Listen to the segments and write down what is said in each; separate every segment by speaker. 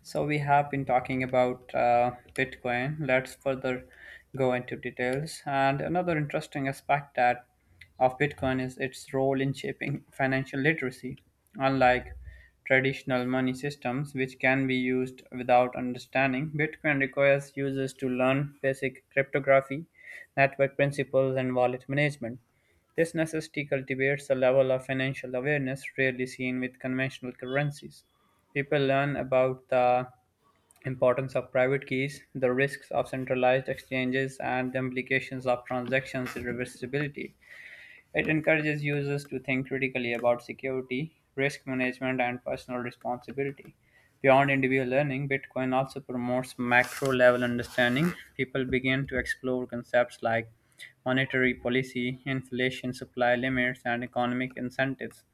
Speaker 1: So we have been talking about Bitcoin. Let's further go into details. And another interesting aspect that of Bitcoin is its role in shaping financial literacy. Unlike traditional money systems, which can be used without understanding, Bitcoin requires users to learn basic cryptography, network principles, and wallet management. This necessity cultivates a level of financial awareness rarely seen with conventional currencies. People learn about the importance of private keys, the risks of centralized exchanges, and the implications of transactions' reversibility. It encourages users to think critically about security, risk management, and personal responsibility. Beyond individual learning, Bitcoin also promotes macro level understanding. People begin to explore concepts like monetary policy, inflation, supply limits, and economic incentives.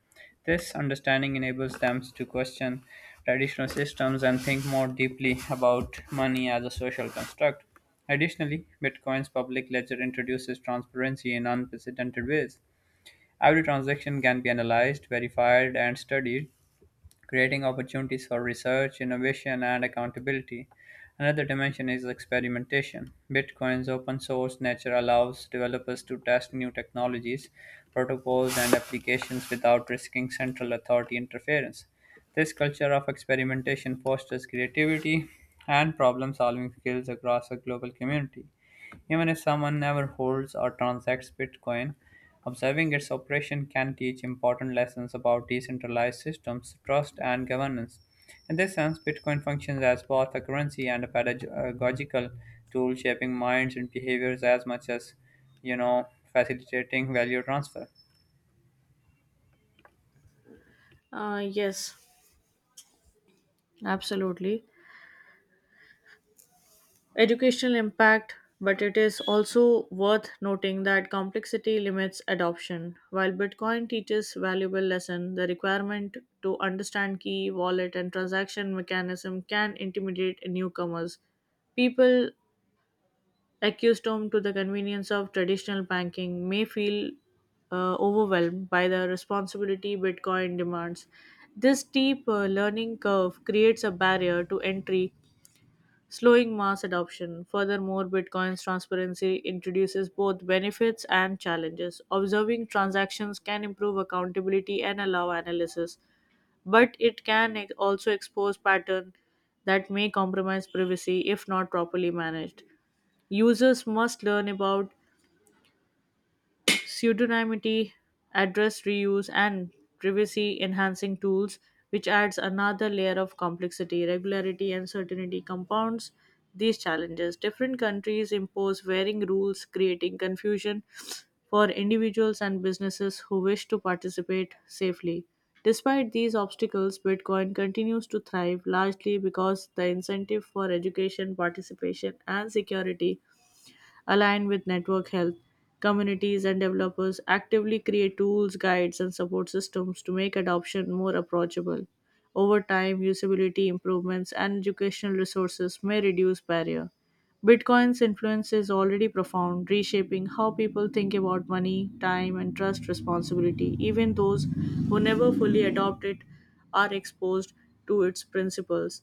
Speaker 1: This understanding enables them to question traditional systems and think more deeply about money as a social construct. Additionally, Bitcoin's public ledger introduces transparency in unprecedented ways. Every transaction can be analyzed, verified, and studied, creating opportunities for research, innovation, and accountability. Another dimension is experimentation. Bitcoin's open source nature allows developers to test new technologies, protocols, and applications without risking central authority interference. This culture of experimentation fosters creativity and problem solving skills across a global community. Even if someone never holds or transacts Bitcoin, observing its operation can teach important lessons about decentralized systems, trust, and governance. In this sense, Bitcoin functions as both a currency and a pedagogical tool, shaping minds and behaviors as much as facilitating value transfer.
Speaker 2: Yes, absolutely. Educational impact, but it is also worth noting that complexity limits adoption. While Bitcoin teaches valuable lesson, the requirement to understand key, wallet, and transaction mechanism can intimidate newcomers. People accustomed to the convenience of traditional banking may feel overwhelmed by the responsibility Bitcoin demands. This steep learning curve creates a barrier to entry slowing mass adoption. Furthermore, Bitcoin's transparency introduces both benefits and challenges. Observing transactions can improve accountability and allow analysis, but it can also expose patterns that may compromise privacy if not properly managed. Users must learn about pseudonymity, address reuse, and privacy enhancing tools, which adds another layer of complexity. Regularity and certainty compounds these challenges. Different countries impose varying rules, creating confusion for individuals and businesses who wish to participate safely. Despite these obstacles, Bitcoin continues to thrive largely because the incentive for education, participation, and security aligned with network health. Communities and developers actively create tools, guides, and support systems to make adoption more approachable. Over time, usability improvements and educational resources may reduce barrier. Bitcoin's influence is already profound, reshaping how people think about money, time, and trust responsibility. Even those who never fully adopt it are exposed to its principles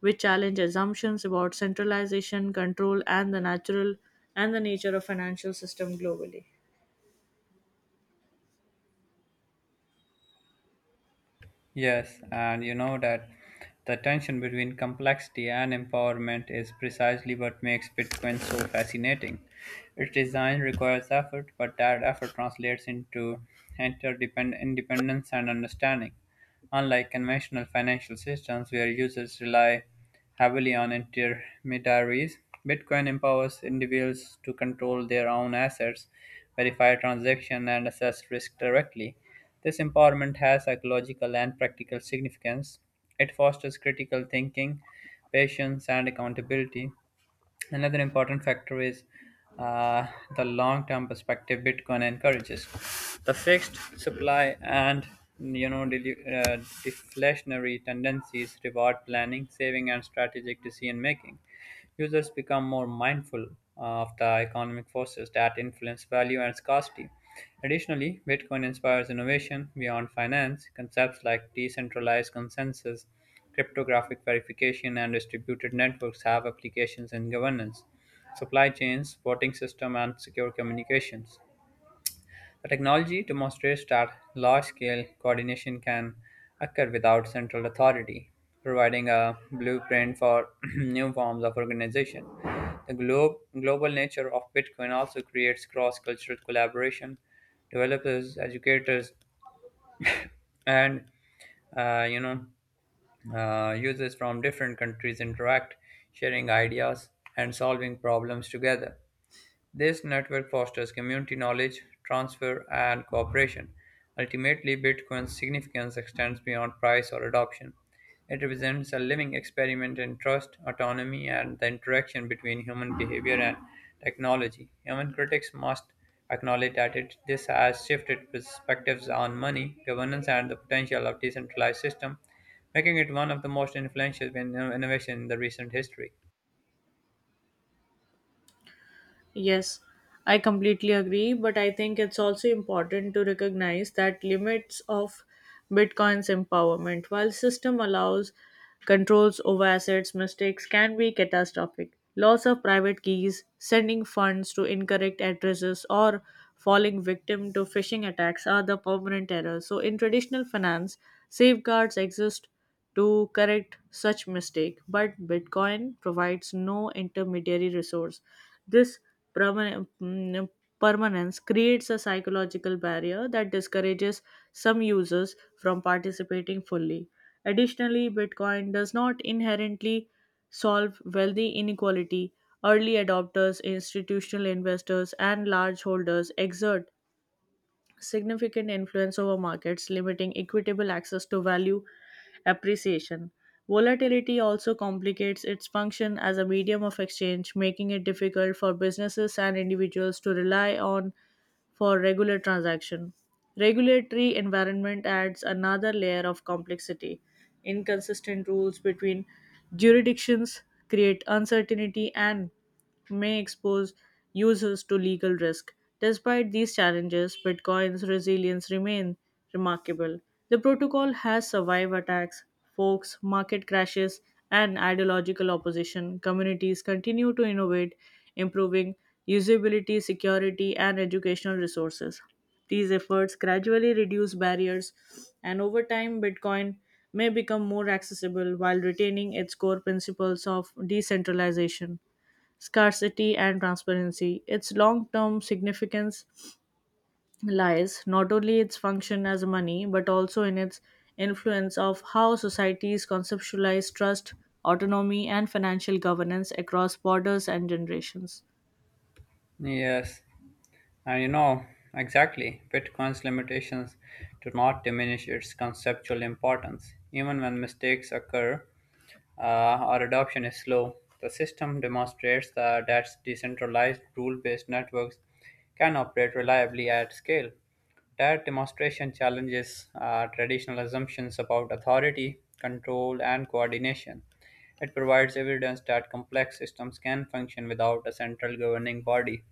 Speaker 2: which challenge assumptions about centralization, control, and the natural and the nature of financial system globally.
Speaker 1: Yes, and you know that the tension between complexity and empowerment is precisely what makes Bitcoin so fascinating. Its design requires effort, but that effort translates into interdependent independence and understanding. Unlike conventional financial systems where users rely heavily on intermediaries, Bitcoin empowers individuals to control their own assets, verify transactions, and assess risk directly. This empowerment has psychological and practical significance. It fosters critical thinking, patience, and accountability. Another important factor is uh, the long term perspective Bitcoin encourages. The fixed supply and you know delu- uh, deflationary tendencies reward planning, saving, and strategic decision making. Users become more mindful of the economic forces that influence value and scarcity. Additionally, Bitcoin inspires innovation beyond finance. Concepts like decentralized consensus, cryptographic verification, and distributed networks have applications in governance, supply chains, voting system, and secure communications. The technology demonstrates that large-scale coordination can occur without central authority, providing a blueprint for new forms of organization. The global nature of Bitcoin also creates cross-cultural collaboration. Developers, educators, and uh, you know users from different countries interact, sharing ideas and solving problems together. This network fosters community knowledge transfer and cooperation. Ultimately, Bitcoin's significance extends beyond price or adoption. It represents a living experiment in trust, autonomy, and the interaction between human behavior and technology. Human critics must acknowledge that this has shifted perspectives on money, governance, and the potential of decentralized system, making it one of the most influential innovations in the recent history.
Speaker 2: Yes, I completely agree, but I think it's also important to recognize that limits of Bitcoin's empowerment. While system allows controls over assets, mistakes can be catastrophic. Loss of private keys, sending funds to incorrect addresses, or falling victim to phishing attacks are the permanent errors. So, in traditional finance, safeguards exist to correct such mistake, but bitcoin provides no intermediary resource. This perma- mm, permanence creates a psychological barrier that discourages some users from participating fully. Additionally, bitcoin does not inherently solve wealthy inequality. Early adopters, institutional investors, and large holders exert significant influence over markets, limiting equitable access to value appreciation. Volatility also complicates its function as a medium of exchange, making it difficult for businesses and individuals to rely on for regular transaction. Regulatory environment adds another layer of complexity. Inconsistent rules between jurisdictions create uncertainty and may expose users to legal risk. Despite these challenges, Bitcoin's resilience remains remarkable. The protocol has survived attacks, forks, market crashes, and ideological opposition. Communities continue to innovate, improving usability, security, and educational resources. These efforts gradually reduce barriers, and over time, Bitcoin may become more accessible while retaining its core principles of decentralization scarcity and transparency. Its long term significance lies not only its function as money but also in its influence of how societies conceptualize trust, autonomy, and financial governance across borders and generations.
Speaker 1: Yes. And you know, exactly, Bitcoin's limitations do not diminish its conceptual importance. Even when mistakes occur or adoption is slow, the system demonstrates that decentralized rule based networks can operate reliably at scale. That demonstration challenges traditional assumptions about authority, control, and coordination. It provides evidence that complex systems can function without a central governing body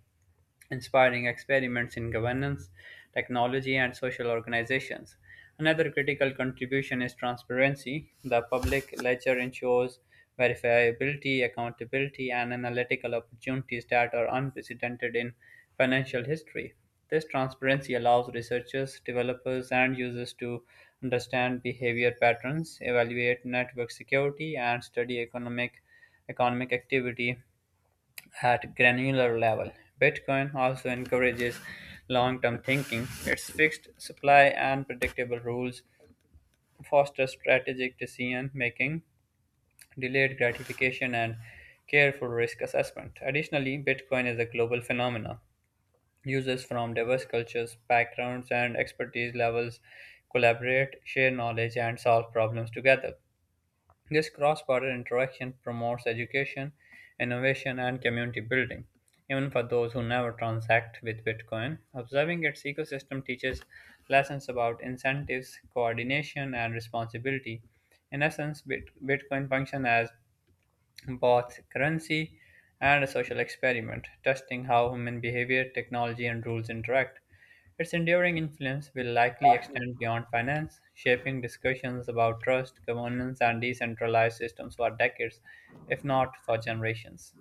Speaker 1: inspiring experiments in governance, technology, and social organizations. Another critical contribution is transparency. The public ledger ensures verifiability, accountability, and analytical opportunities that are unprecedented in financial history. This transparency allows researchers, developers, and users to understand behavior patterns, evaluate network security, and study economic activity at granular level. Bitcoin also encourages long term thinking. Its fixed supply and predictable rules foster strategic decision making, delayed gratification, and careful risk assessment. Additionally, Bitcoin is a global phenomenon. Users from diverse cultures, backgrounds, and expertise levels collaborate, share knowledge, and solve problems together. This cross-border interaction promotes education, innovation, and community building. Even for those who never transact with Bitcoin, observing its ecosystem teaches lessons about incentives, coordination, and responsibility. In essence, Bitcoin functions as both currency and a social experiment, testing how human behavior, technology, and rules interact. Its enduring influence will likely extend beyond finance, shaping discussions about trust, governance, and decentralized systems for decades, if not for generations.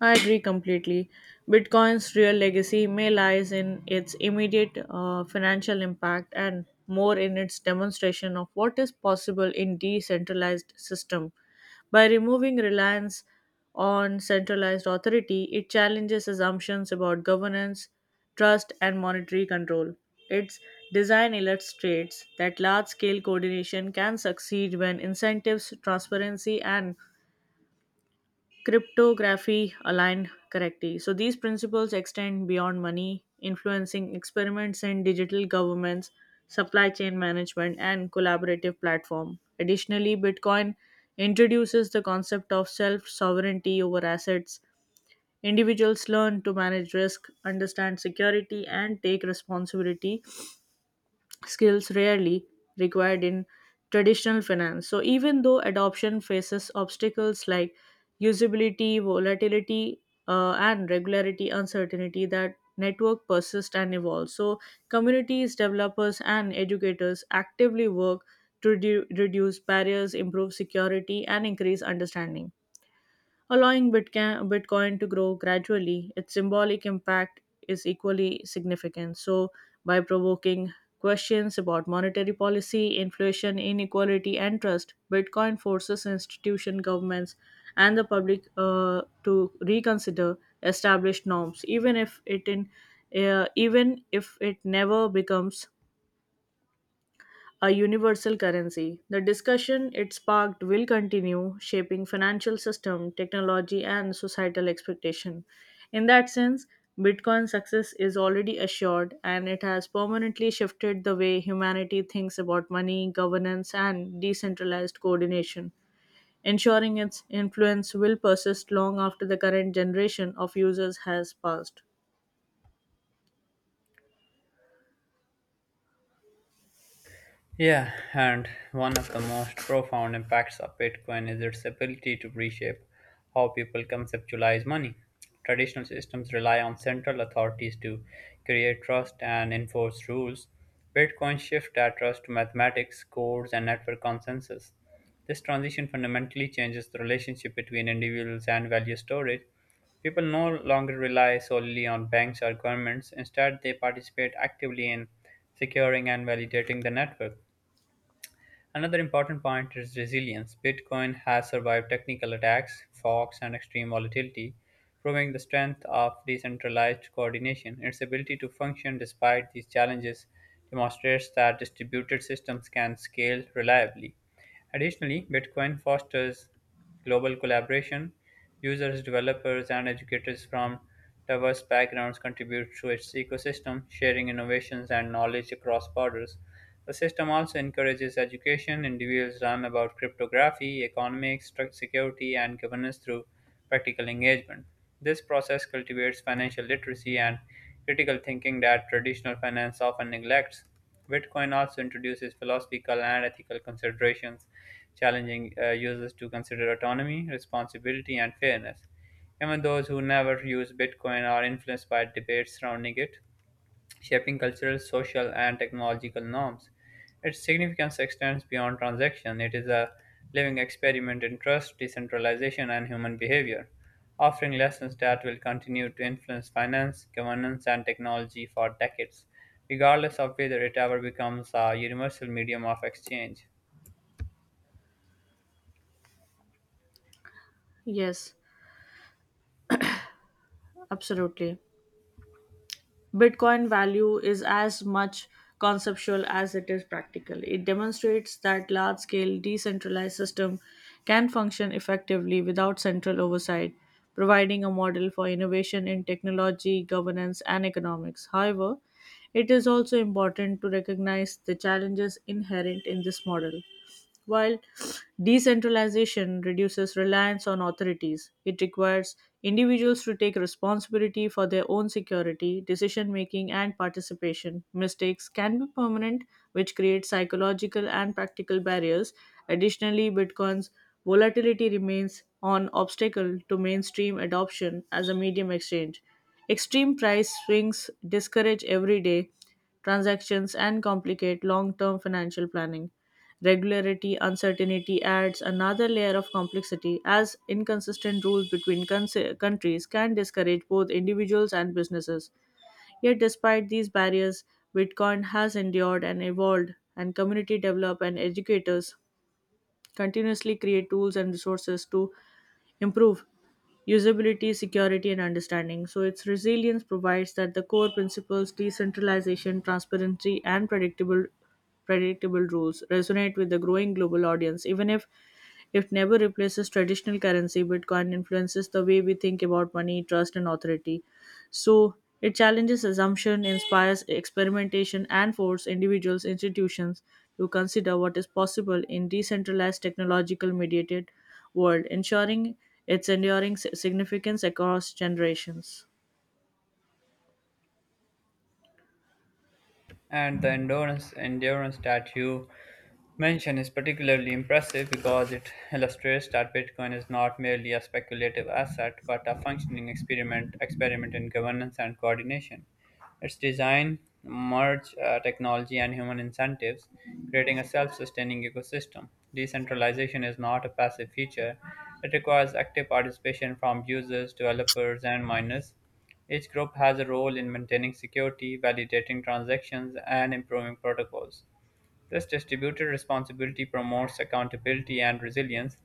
Speaker 2: I agree completely. Bitcoin's real legacy may lies in its immediate financial impact and more in its demonstration of what is possible in decentralized system. By removing reliance on centralized authority, it challenges assumptions about governance, trust, and monetary control. Its design illustrates that large scale coordination can succeed when incentives, transparency, and cryptography aligned correctly. So these principles extend beyond money, influencing experiments in digital governments, supply chain management, and collaborative platform. Additionally, Bitcoin introduces the concept of self sovereignty over assets. Individuals learn to manage risk, understand security, and take responsibility skills rarely required in traditional finance. So, even though adoption faces obstacles like usability, volatility, and regularity uncertainty, that network persists and evolves. So, communities, developers, and educators actively work to reduce barriers, improve security, and increase understanding allowing Bitcoin to grow gradually. Its symbolic impact is equally significant. So, by provoking questions about monetary policy, inflation, inequality, and trust, Bitcoin forces institutions, governments, and the public to reconsider established norms, even if it never becomes a universal currency. The discussion it sparked will continue shaping financial system, technology and societal expectation. In that sense, Bitcoin's success is already assured and it has permanently shifted the way humanity thinks about money, governance and decentralized coordination, ensuring its influence will persist long after the current generation of users has passed.
Speaker 1: Yeah, and one of the most profound impacts of Bitcoin is its ability to reshape how people conceptualize money. Traditional systems rely on central authorities to create trust and enforce rules. Bitcoin shifts that trust to mathematics, codes, and network consensus. This transition fundamentally changes the relationship between individuals and value storage. People no longer rely solely on banks or governments. Instead, they participate actively in securing and validating the network. Another important point is resilience. Bitcoin has survived technical attacks, forks, and extreme volatility, proving the strength of decentralized coordination. Its ability to function despite these challenges demonstrates that distributed systems can scale reliably. Additionally, Bitcoin fosters global collaboration. Users, developers, and educators from diverse backgrounds contribute to its ecosystem, sharing innovations and knowledge across borders. The system also encourages education. Individuals learn about cryptography, economics, security, and governance through practical engagement. This process cultivates financial literacy and critical thinking that traditional finance often neglects. Bitcoin also introduces philosophical and ethical considerations, challenging users to consider autonomy, responsibility, and fairness. Even those who never use Bitcoin are influenced by debates surrounding it, shaping cultural, social, and technological norms. Its significance extends beyond transaction. It is a living experiment in trust, decentralization, and human behavior, offering lessons that will continue to influence finance, governance, and technology for decades, regardless of whether it ever becomes a universal medium of exchange.
Speaker 2: Yes, absolutely. Bitcoin value is as much conceptual as it is practical. It demonstrates that large scale decentralized system can function effectively without central oversight, providing a model for innovation in technology, governance, and economics. However, it is also important to recognize the challenges inherent in this model. While decentralization reduces reliance on authorities, it requires individuals to take responsibility for their own security, decision making, and participation. Mistakes can be permanent, which creates psychological and practical barriers. Additionally, Bitcoin's volatility remains an obstacle to mainstream adoption as a medium exchange. Extreme price swings discourage everyday transactions and complicate long term financial planning. Regularity, uncertainty adds another layer of complexity as inconsistent rules between countries can discourage both individuals and businesses. Yet, despite these barriers, Bitcoin has endured and evolved, and community development and educators continuously create tools and resources to improve usability, security, and understanding. So its resilience provides that the core principles decentralization, transparency, and predictable rules resonate with the growing global audience, even if it never replaces traditional currency. Bitcoin influences the way we think about money, trust, and authority. So it challenges assumption, inspires experimentation, and forces individuals, institutions to consider what is possible in decentralized technological mediated world, ensuring its enduring significance across generations.
Speaker 1: And the endurance that you mention is particularly impressive because it illustrates that Bitcoin is not merely a speculative asset but a functioning experiment in governance and coordination. Its design merge technology and human incentives, creating a self-sustaining ecosystem. Decentralization is not a passive feature; it requires active participation from users, developers, and miners. Each group has a role in maintaining security, validating transactions, and improving protocols. This distributed responsibility promotes accountability and resilience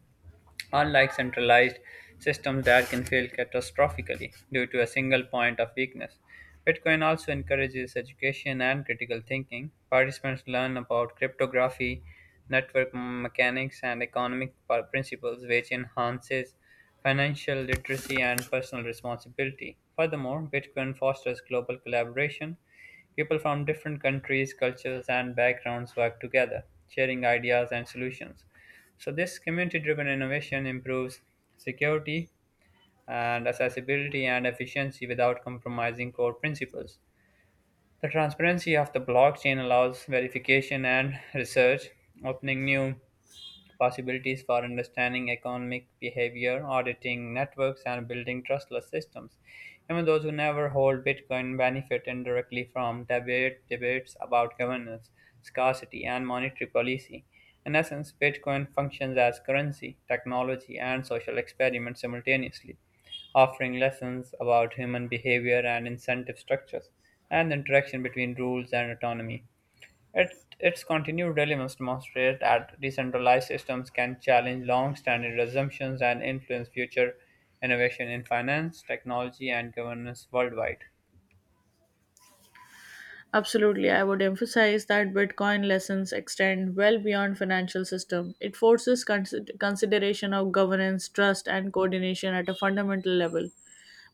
Speaker 1: unlike centralized systems that can fail catastrophically due to a single point of weakness. Bitcoin also encourages education and critical thinking. Participants learn about cryptography, network mechanics, and economic principles, which enhances financial literacy and personal responsibility. Furthermore, Bitcoin fosters global collaboration. People from different countries, cultures, and backgrounds work together, sharing ideas and solutions. So this community-driven innovation improves security and accessibility and efficiency without compromising core principles. The transparency of the blockchain allows verification and research, opening new possibilities for understanding economic behavior, auditing networks, and building trustless systems. Even those who never hold Bitcoin benefit indirectly from debates about governance, scarcity, and monetary policy. In essence, Bitcoin functions as currency, technology, and social experiment simultaneously, offering lessons about human behavior and incentive structures, and the interaction between rules and autonomy. Its continued dilemmas demonstrate that decentralized systems can challenge long-standing assumptions and influence future innovation in finance, technology, and governance worldwide.
Speaker 2: Absolutely, I would emphasize that Bitcoin lessons extend well beyond financial system. It forces consideration of governance, trust, and coordination at a fundamental level.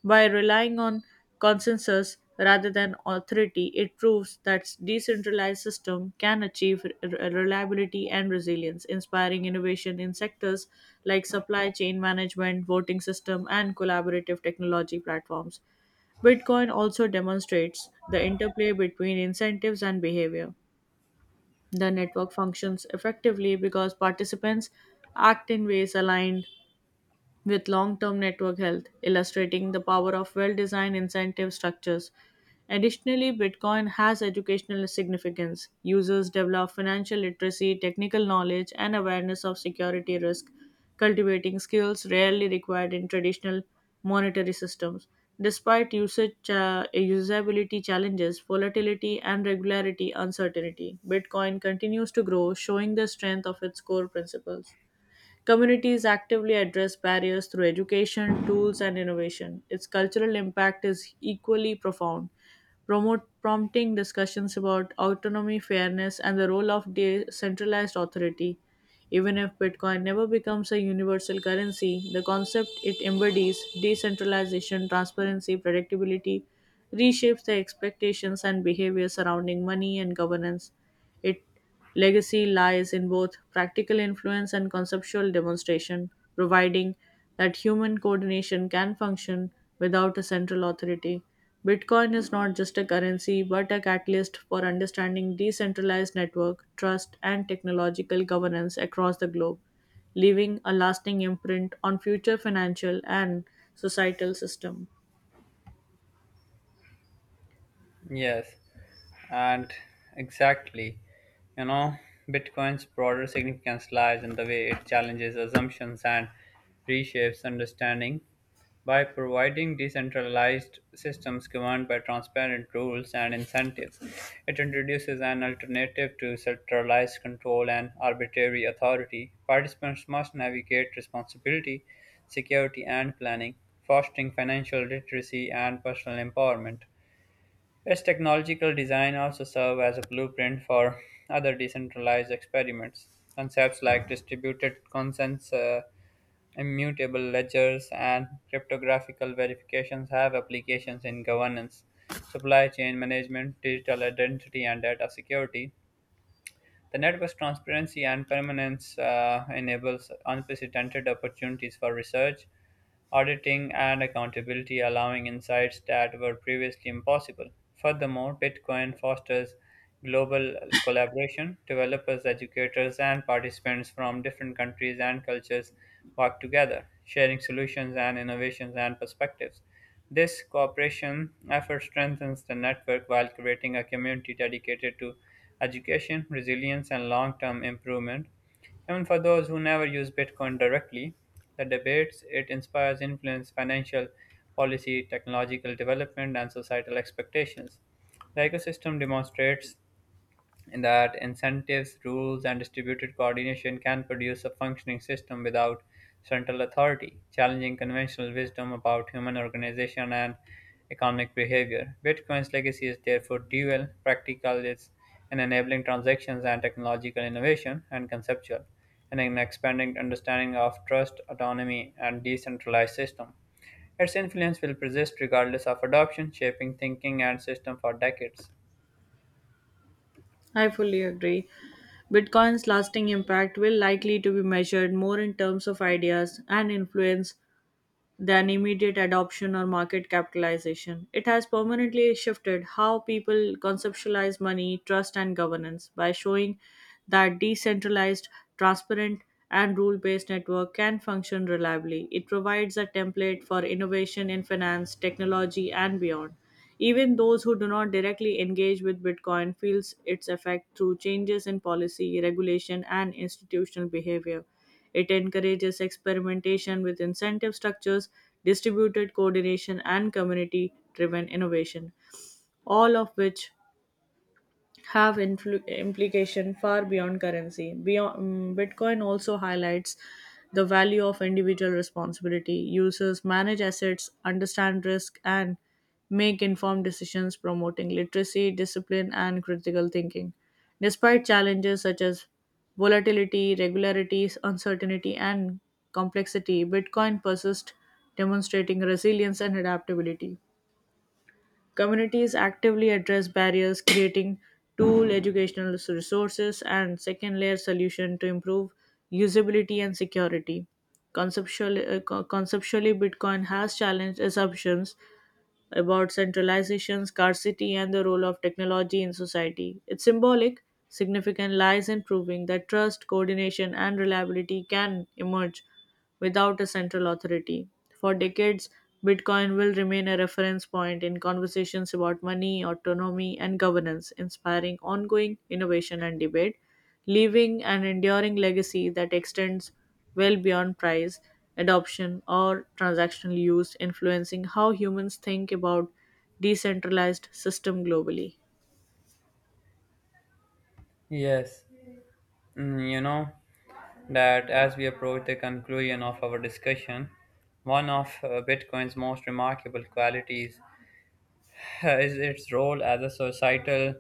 Speaker 2: By relying on consensus rather than authority, it proves that decentralized system can achieve reliability and resilience, inspiring innovation in sectors like supply chain management, voting system, and collaborative technology platforms. Bitcoin also demonstrates the interplay between incentives and behavior. The network functions effectively because participants act in ways aligned with long term network health, illustrating the power of well designed incentive structures. Additionally, Bitcoin has educational significance. Users develop financial literacy, technical knowledge, and awareness of security risk, cultivating skills rarely required in traditional monetary systems. Despite usability challenges, volatility, and regularity uncertainty, Bitcoin continues to grow, showing the strength of its core principles. Communities actively address barriers through education, tools, and innovation. Its cultural impact is equally profound, prompting discussions about autonomy, fairness, and the role of decentralized authority. Even if Bitcoin never becomes a universal currency, the concept it embodies decentralization, transparency, predictability reshapes the expectations and behavior surrounding money and governance. Its legacy lies in both practical influence and conceptual demonstration, providing that human coordination can function without a central authority. Bitcoin is not just a currency but a catalyst for understanding decentralized network, trust, and technological governance across the globe, leaving a lasting imprint on future financial and societal system.
Speaker 1: Yes, and exactly. You know, Bitcoin's broader significance lies in the way it challenges assumptions and reshapes understanding. By providing decentralized systems governed by transparent rules and incentives, it introduces an alternative to centralized control and arbitrary authority. Participants must navigate responsibility, security, and planning, fostering financial literacy and personal empowerment. Its technological design also served as a blueprint for other decentralized experiments. Concepts like distributed consents, immutable ledgers, and cryptographical verifications have applications in governance, supply chain management, digital identity, and data security. The network's transparency and permanence enables unprecedented opportunities for research, auditing, and accountability, allowing insights that were previously impossible. Furthermore, Bitcoin fosters global collaboration. Developers, educators, and participants from different countries and cultures work together, sharing solutions and innovations and perspectives. This cooperation effort strengthens the network while creating a community dedicated to education, resilience, and long term improvement. Even for those who never use Bitcoin directly, the debates it inspires influence financial policy, technological development, and societal expectations. The ecosystem demonstrates and that incentives, rules, and distributed coordination can produce a functioning system without central authority, challenging conventional wisdom about human organization and economic behavior. Bitcoin's legacy is therefore dual, practical it's in enabling transactions and technological innovation, and conceptual, and in expanding understanding of trust, autonomy, and decentralized system. Its influence will persist regardless of adoption, shaping thinking and system for decades.
Speaker 2: I fully agree. Bitcoin's lasting impact will likely to be measured more in terms of ideas and influence than immediate adoption or market capitalization. It has permanently shifted how people conceptualize money, trust, and governance by showing that decentralized, transparent, and rule based network can function reliably. It provides a template for innovation in finance, technology, and beyond. Even those who do not directly engage with Bitcoin feels its effect through changes in policy, regulation, and institutional behavior. It encourages experimentation with incentive structures, distributed coordination, and community driven innovation, all of which have implication far beyond currency. Bitcoin also highlights the value of individual responsibility. Users manage assets, understand risk, and make informed decisions, promoting literacy, discipline, and critical thinking. Despite challenges such as volatility, regularities, uncertainty, and complexity, Bitcoin persists, demonstrating resilience and adaptability. Communities actively address barriers, creating tool educational resources and second layer solution to improve usability and security. Conceptually Bitcoin has challenged assumptions about centralization, scarcity, and the role of technology in society. Its symbolic significance lies in proving that trust, coordination, and reliability can emerge without a central authority. For decades, Bitcoin will remain a reference point in conversations about money, autonomy, and governance, inspiring ongoing innovation and debate, leaving an enduring legacy that extends well beyond price, adoption, or transactional use, influencing how humans think about decentralized system globally.
Speaker 1: Yes. You know, that as we approach the conclusion of our discussion, one of Bitcoin's most remarkable qualities is its role as a societal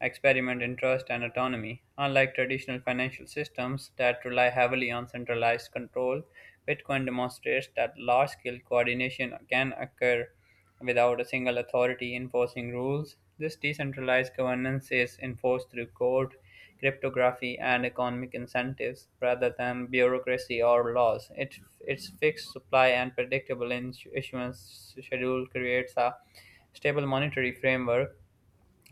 Speaker 1: experiment in trust and autonomy. Unlike traditional financial systems that rely heavily on centralized control, Bitcoin demonstrates that large scale coordination can occur without a single authority enforcing rules. This decentralized governance is enforced through code, cryptography, and economic incentives rather than bureaucracy or laws. Its fixed supply and predictable issuance schedule creates a stable monetary framework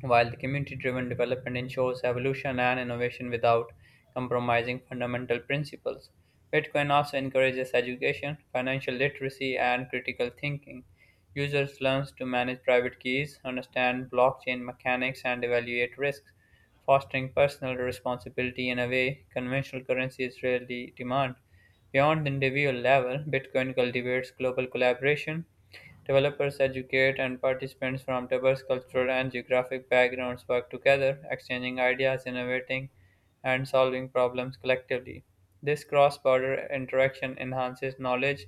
Speaker 1: while the community driven development ensures evolution and innovation without compromising fundamental principles. Bitcoin also encourages education, financial literacy, and critical thinking. Users learn to manage private keys, understand blockchain mechanics, and evaluate risks, fostering personal responsibility in a way conventional currencies rarely demand. Beyond the individual level, Bitcoin cultivates global collaboration. Developers, educators, and participants from diverse cultural and geographic backgrounds work together, exchanging ideas, innovating, and solving problems collectively. This cross border interaction enhances knowledge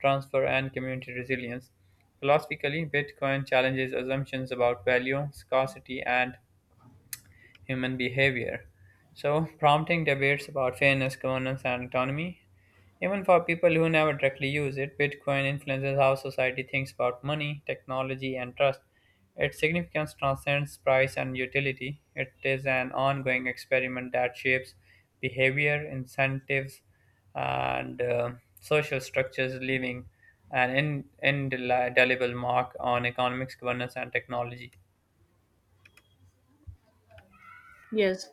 Speaker 1: transfer and community resilience. Philosophically, Bitcoin challenges assumptions about value, scarcity, and human behavior, so prompting debates about fairness, governance, and autonomy. Even for people who never directly use it, Bitcoin influences how society thinks about money, technology, and trust. Its significance transcends price and utility. It is an ongoing experiment that shapes behavior, incentives, and social structures, leaving an indelible mark on economics, governance, and technology.
Speaker 2: Yes,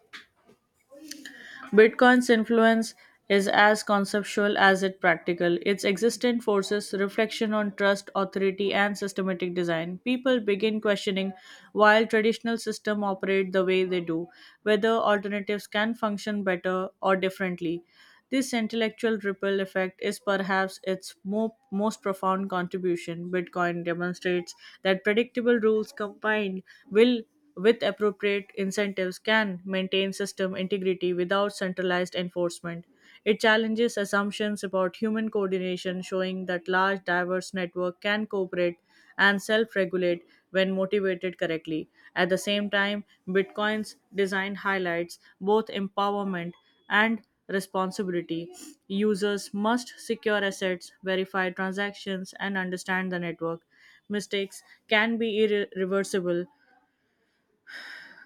Speaker 2: Bitcoin's influence is as conceptual as it practical. Its existence forces reflection on trust, authority, and systematic design. People begin questioning while traditional systems operate the way they do, whether alternatives can function better or differently. This intellectual ripple effect is perhaps its most profound contribution. Bitcoin demonstrates that predictable rules combined will with appropriate incentives, can maintain system integrity without centralized enforcement. It challenges assumptions about human coordination, showing that large, diverse network can cooperate and self-regulate when motivated correctly. At the same time, Bitcoin's design highlights both empowerment and responsibility. Users must secure assets, verify transactions, and understand the network. Mistakes can be irreversible,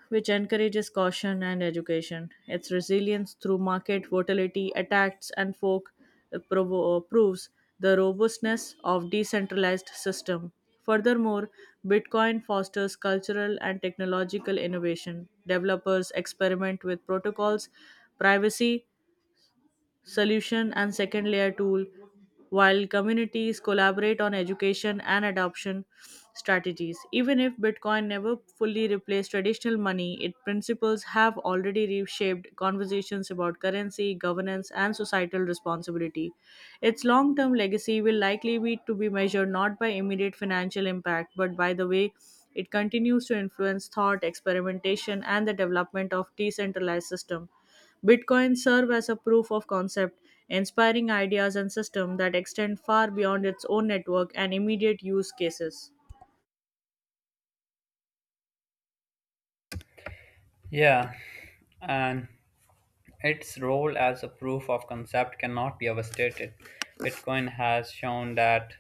Speaker 2: which encourages caution and education. Its resilience through market volatility, attacks, and folk proves the robustness of decentralized system. Furthermore, Bitcoin fosters cultural and technological innovation. Developers experiment with protocols, privacy, solution and second layer tool while communities collaborate on education and adoption strategies. Even if bitcoin never fully replaced traditional money, its principles have already reshaped conversations about currency governance and societal responsibility. Its long term legacy will likely be measured not by immediate financial impact but by the way it continues to influence thought experimentation and the development of decentralized system. Bitcoin serve as a proof of concept, inspiring ideas and systems that extend far beyond its own network and immediate use cases.
Speaker 1: Yeah, and its role as a proof of concept cannot be overstated. Bitcoin has shown that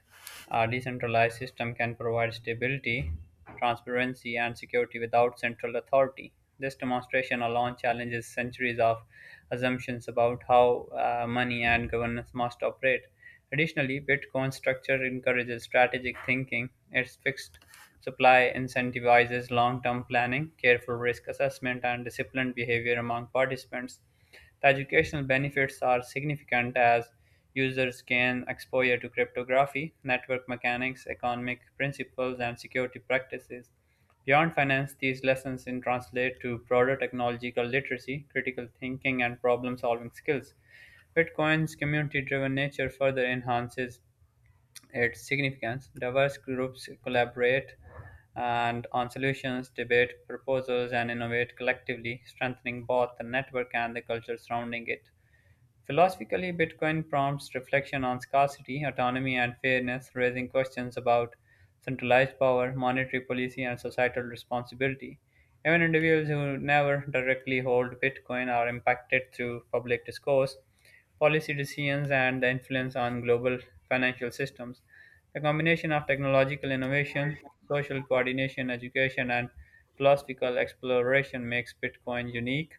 Speaker 1: a decentralized system can provide stability, transparency, and security without central authority. This demonstration alone challenges centuries of assumptions about how money and governance must operate. Additionally, Bitcoin's structure encourages strategic thinking. Its fixed supply incentivizes long term planning, careful risk assessment, and disciplined behavior among participants. The educational benefits are significant as users gain exposure to cryptography, network mechanics, economic principles, and security practices. Beyond finance, these lessons in translate to broader technological literacy, critical thinking, and problem solving skills. Bitcoin's community driven nature further enhances its significance. Diverse groups collaborate and on solutions, debate proposals, and innovate collectively, strengthening both the network and the culture surrounding it. Philosophically, Bitcoin prompts reflection on scarcity, autonomy, and fairness, raising questions about centralized power, monetary policy, and societal responsibility. Even individuals who never directly hold Bitcoin are impacted through public discourse, policy decisions, and the influence on global financial systems. The combination of technological innovation, social coordination, education, and philosophical exploration makes Bitcoin unique.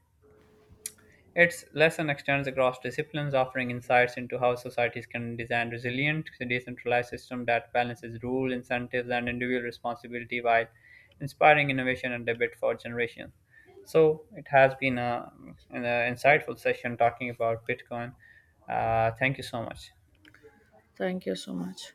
Speaker 1: Its lesson extends across disciplines, offering insights into how societies can design resilient, decentralized systems that balances rule, incentives, and individual responsibility while inspiring innovation and debate for generations. So it has been an insightful session talking about Bitcoin. Thank you so much.
Speaker 2: Thank you so much.